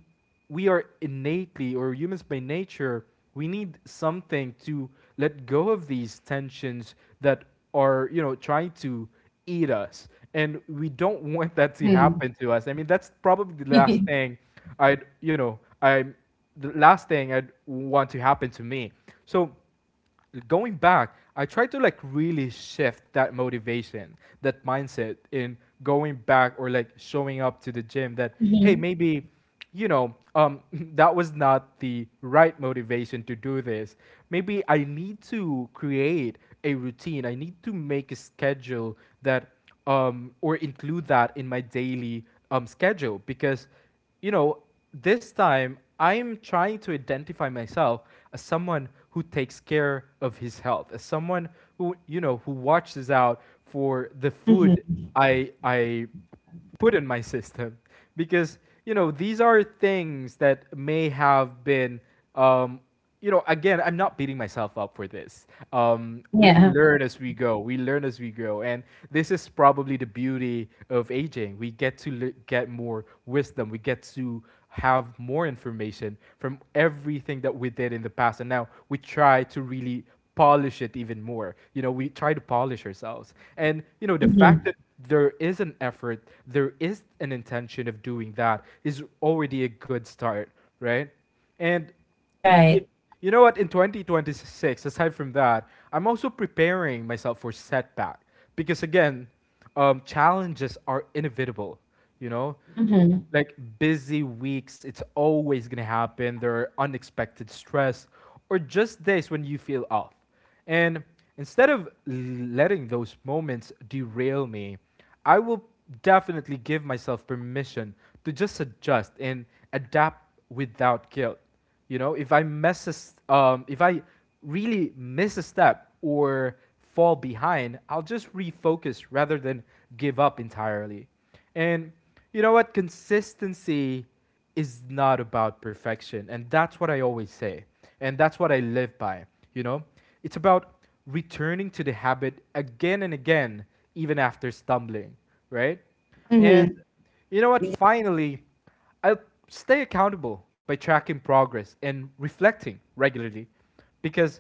we are innately or humans by nature, we need something to let go of these tensions that are, you know, trying to eat us. And we don't want that to mhm. happen to us. I mean, that's probably the last thing I'd, you know, I the last thing I'd want to happen to me. So going back, I tried to like really shift that motivation, that mindset in going back or like showing up to the gym that hey, Mhm, maybe you know, um that was not the right motivation to do this. Maybe I need to create a routine. I need to make a schedule that um or include that in my daily um schedule because you know, this time I'm trying to identify myself as someone who takes care of his health, as someone who, you know, who watches out for the mhm. food I I put in my system because you know these are things that may have been um, you know, again, I'm not beating myself up for this. Um, we Yeah. learn as we go. We learn as we grow, and this is probably the beauty of aging. We get to le- get more wisdom. We get to have more information from everything that we did in the past, and now we try to really polish it even more. You know, we try to polish ourselves, and you know, the fact Mhm. that there is an effort, there is an intention of doing that is already a good start, right? And you, Right. you know what? In twenty twenty-six, aside from that, I'm also preparing myself for setback because again, um, challenges are inevitable. You know, Mhm. like busy weeks, it's always gonna happen. There are unexpected stress or just days when you feel off. And instead of letting those moments derail me, I will definitely give myself permission to just adjust and adapt without guilt. You know, if I mess a s um, if I really miss a step or fall behind, I'll just refocus rather than give up entirely. And you know what? Consistency is not about perfection. And that's what I always say. And that's what I live by. You know, it's about returning to the habit again and again, even after stumbling, right? And Mhm. you know what? Y Finally, I stay accountable by tracking progress and reflecting regularly because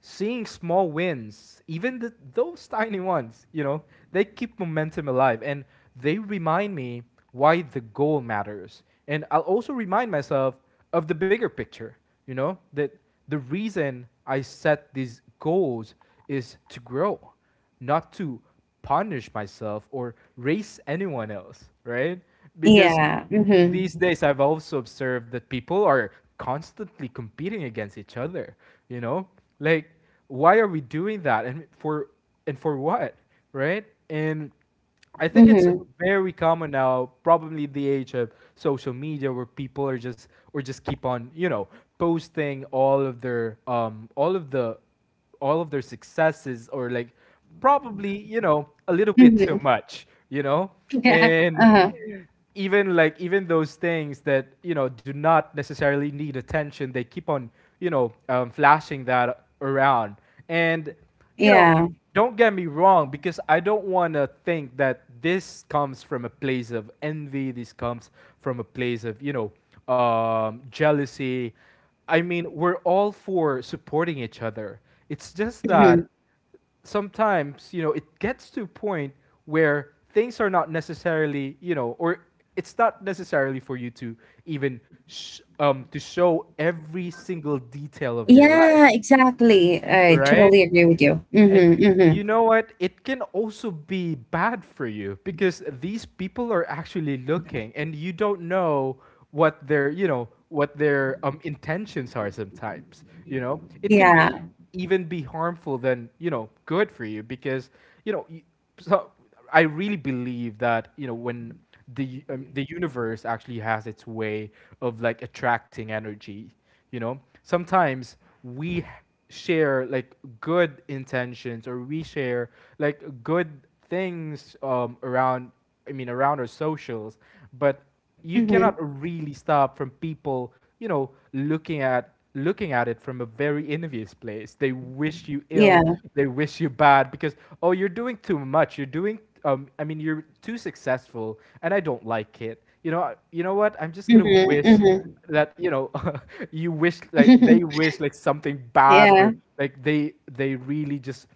seeing small wins, even the, those tiny ones, you know, they keep momentum alive and they remind me why the goal matters. And I'll also remind myself of the bigger picture, you know, that the reason I set these goals is to grow, not to punish myself or race anyone else, right? Because yeah. these Mhm. days I've also observed that people are constantly competing against each other, you know? Like why are we doing that and for and for what, right? And I think it's Mhm. very common now, probably the age of social media where people are just or just keep on, you know, posting all of their um all of the all of their successes or like probably you know a little bit too Mhm. much you know Yeah. and Uh-huh. even like even those things that you know do not necessarily need attention they keep on you know um, flashing that around and you know, Yeah. don't get me wrong, because I don't want to think that this comes from a place of envy. This comes from a place of you know um, jealousy. I mean, we're all for supporting each other. It's just that Mhm. sometimes you know it gets to a point where things are not necessarily you know or it's not necessarily for you to even sh- um to show every single detail of your life Yeah, exactly. I right totally agree with you. and Mhm, you mhm. know what? It can also be bad for you because these people are actually looking and you don't know what their, you know, what their um, intentions are sometimes, you know? It can Yeah. be even be harmful than, you know, good for you because, you know, y- so I really believe that, you know, when the um, the universe actually has its way of like attracting energy you know, sometimes we share like good intentions or we share like good things um, around, I mean, around our socials, but you cannot Mhm. really stop from people, you know, looking at looking at it from a very envious place. They wish you Yeah. ill, they wish you bad because oh, you're doing too much. You're doing um I mean, you're too successful and I don't like it. You know, I- you know what? I'm just Mhm, going to wish mhm. that you know you wish like they wish like something bad Yeah. or like they they really just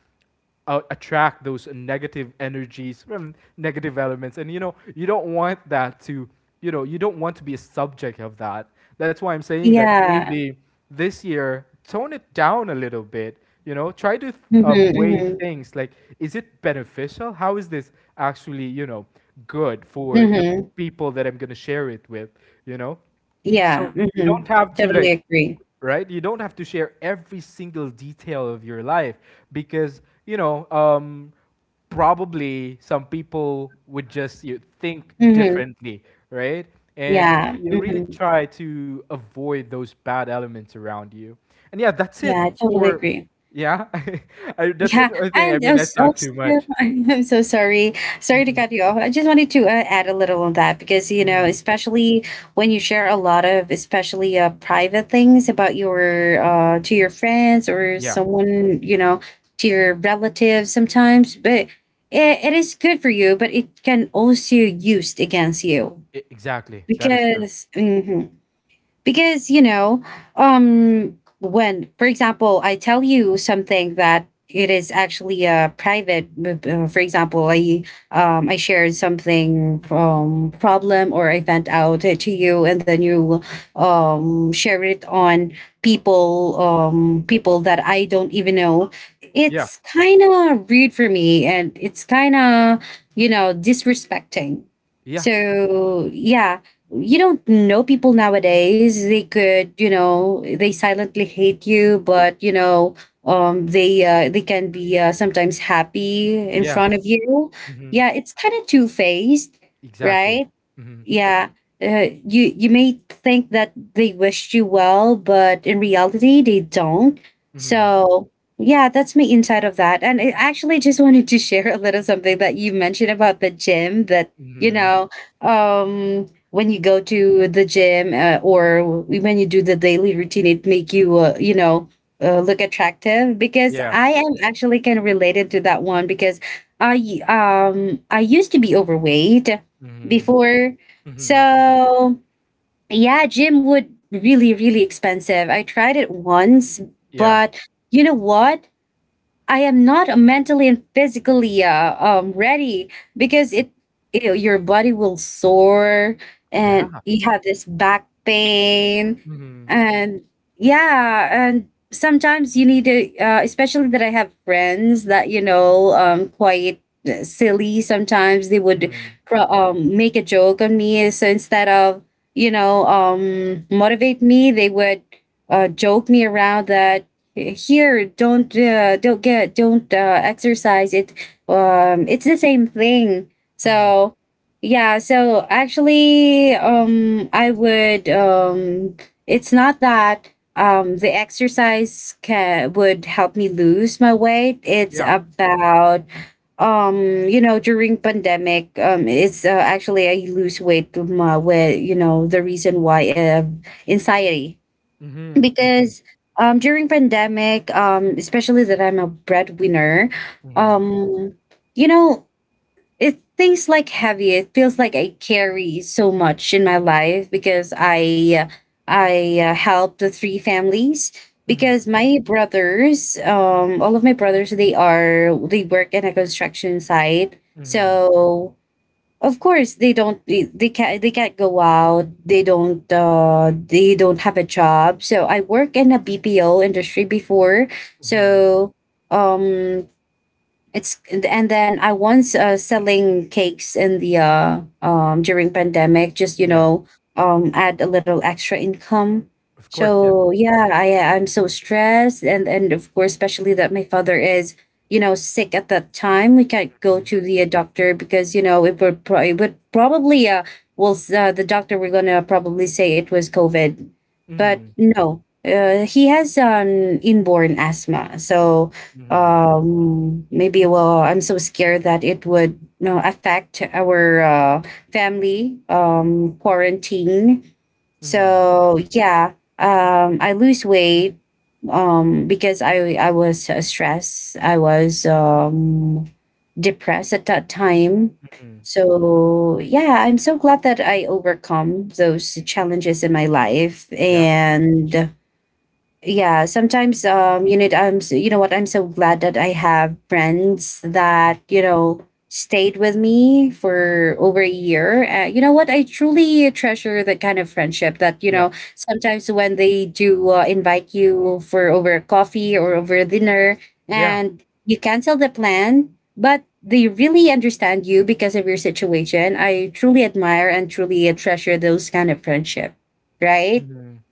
uh, attract those negative energies from negative elements and you know you don't want that to you know you don't want to be a subject of that, that's why I'm saying that Yeah. maybe this year tone it down a little bit, you know, try to Mhm, um, weigh mhm. things like is it beneficial, how is this actually, you know, good for the Mhm. people that I'm going to share it with, you know? Yeah, So you mhm. don't have to like, Totally agree. right? You don't have to share every single detail of your life because, you know, um, probably some people would just you think Mhm. differently, right? And Yeah, you really mhm. try to avoid those bad elements around you. And yeah, that's it Yeah, I totally for, agree. yeah, I, that's it. Yeah, I think, I and i mean, I als- talk also, too much. I'm so sorry. Sorry to Mhm. cut you off. I just wanted to uh, add a little on that, because you know, Mhm. especially when you share a lot of, especially uh, private things about your, uh, to your friends or Yeah, someone, you know, to your relatives sometimes, but it, it is good for you, but it can also used against you, e- exactly. That is true. because, mhm. Because you know um when, for example, I tell you something that it is actually a private, uh, for example, i um i shared something, um problem, or I vent out it to you, and then you um share it on people, um people that I don't even know, Yeah, it's kind of rude for me, and it's kind of, you know, disrespecting. yeah, So yeah, you don't know people nowadays. They could, you know, they silently hate you, but you know, um, they, uh, they can be, uh, sometimes happy in yeah. front of you. Hmm. Yeah, it's kind of two faced, Exactly. right? Mhm. Yeah. Uh, you you may think that they wish you well, but in reality they don't. Mhm. So yeah, that's my insight of that. And I actually just wanted to share a little something that you mentioned about the gym, that you Mhm. know, um when you go to the gym, uh, or when you do the daily routine, it make you uh, you know uh, look attractive, because Yeah. I am actually kind of related to that one, because i um i used to be overweight Mhm. before. Mhm. So yeah, gym would really, really expensive. I tried it once, Yeah. but you know what? I am not mentally and physically uh, um, ready, because it, you know, your body will sore, and Yeah. you have this back pain, Mhm. and yeah, and sometimes you need to, uh, especially that I have friends that you know um quite silly, sometimes they would Mhm. pro- um make a joke on me, so instead of, you know, um motivate me, they would uh, joke me around that, here, don't, uh, don't get, don't uh, exercise it, um it's the same thing. Mhm. So yeah, so actually um I would, um it's not that um the exercise can would help me lose my weight, it's Yeah. about, um you know, during pandemic, um it's, uh, actually I lose weight, to my with, you know, the reason why uh, anxiety. Mhm. Mhm. Because um during pandemic, um especially that I'm a breadwinner, Mhm. um you know, it things like heavy, it feels like I carry so much in my life, because I I uh, help the three families, because Mhm. my brothers, um all of my brothers, they are, they work in a construction site. Mhm. So of course they don't, they, they can't, they can't go out, they don't, uh they don't have a job. So I work in a B P O industry before. Mhm. So um it's, and then I once uh, selling cakes in the, uh, um during pandemic, just you Yeah. know, um add a little extra income. Of course. Yeah. So yeah, I I'm so stressed, and and of course, especially that my father is, you know, sick at that time. We can't go Mhm. to the uh, doctor, because you know it would, pro- it would probably, uh well, s- uh, the doctor were gonna probably say it was COVID, but Mhm. no, uh, he has um inborn asthma. So Mhm. um maybe, well, I'm so scared that it would, you know, affect our uh, family um quarantine. Mhm. So yeah, um I lose weight, um because I I was uh, stressed, I was um depressed at that time. Mhm. So yeah, I'm so glad that I overcome those challenges in my life. Yeah. And yeah, sometimes, um you know, I'm so, you know what, I'm so glad that I have friends that, you know, stayed with me for over a year. Uh, you know what, I truly treasure that kind of friendship, that you Yeah. know, sometimes when they do uh, invite you for over a coffee or over a dinner, Yeah. and you cancel the plan, but they really understand you because of your situation. I truly admire and truly treasure those kind of friendship, right? Mhm.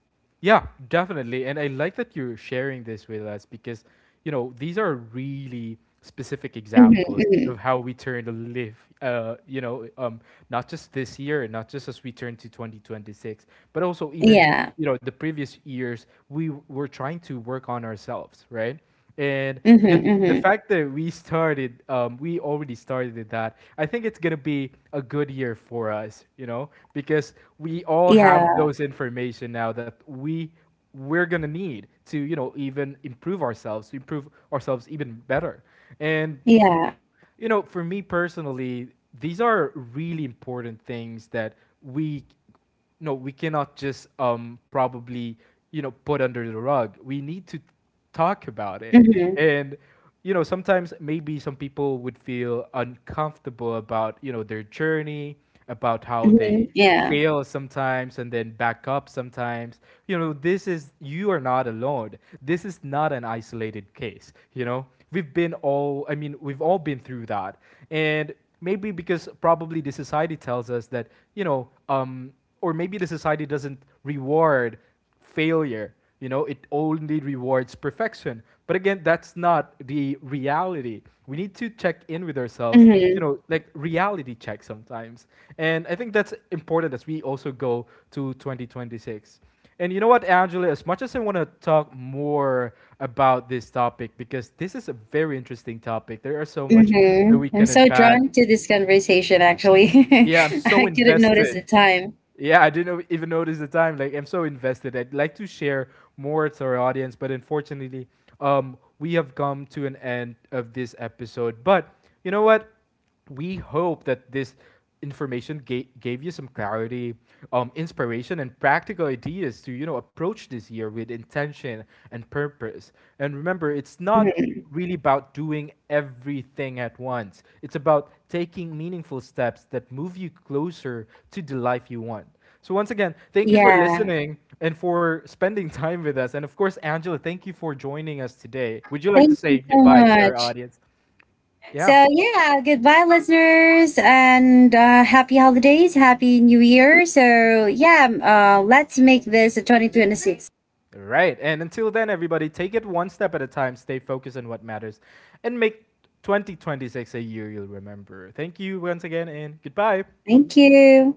Yeah, definitely. And I like that you're sharing this with us because, you know, these are really specific Mhm, examples of mhm. how we turn to live, uh, you know, um, not just this year, not just as we turn to twenty twenty-six, but also even, Yeah. you know, the previous years, we w- were trying to work on ourselves, right? And Mhm, again, the mhm. fact that we started, um, we already started with that. I think it's gonna be a good year for us, you know, because we all have Yeah, those information now that we we're gonna need to, you know, even improve ourselves, to improve ourselves even better. And yeah. you know, for me personally, these are really important things that we no, we cannot just um probably, you know, put under the rug. We need to talk about it. Mhm, And you know, sometimes maybe some people would feel uncomfortable about, you know, their journey, about how they mhm, yeah. fail sometimes and then back up sometimes, you know, this is, you are not alone, this is not an isolated case, you know we've been all I mean we've all been through that. And maybe because probably the society tells us that you know um or maybe the society doesn't reward failure. You know, it only rewards perfection. But again, that's not the reality. We need to check in with ourselves, you Mhm, know, like reality check sometimes. And I think that's important as we also go to twenty twenty-six. And you know what, Angela, as much as I want to talk more about this topic, because this is a very interesting topic, there are so much that mhm. we I'm can so unpack. drawn to this conversation, actually. Yeah, I'm so I couldn't notice the invested. time. Yeah, I didn't o- even notice the time. Like, I'm so invested. I'd like to share more to our audience, but unfortunately, um, we have come to an end of this episode. But you know what? We hope that this information ga- gave you some clarity, um, inspiration, and practical ideas to you know approach this year with intention and purpose. And remember, it's not Mhm, really about doing everything at once. It's about taking meaningful steps that move you closer to the life you want. So, once again, thank you for yeah. listening and for spending time with us. And of course, Angela, thank you for joining us today. Would you like to Thank you say so goodbye to our much. audience? Yeah. So, yeah, goodbye, listeners, and uh, happy holidays, happy new year. So, yeah, um, uh, let's make this a two thousand twenty-six. Right. And until then, everybody, take it one step at a time, stay focused on what matters, and make twenty twenty-six a year you'll remember. Thank you once again, and goodbye. Thank you.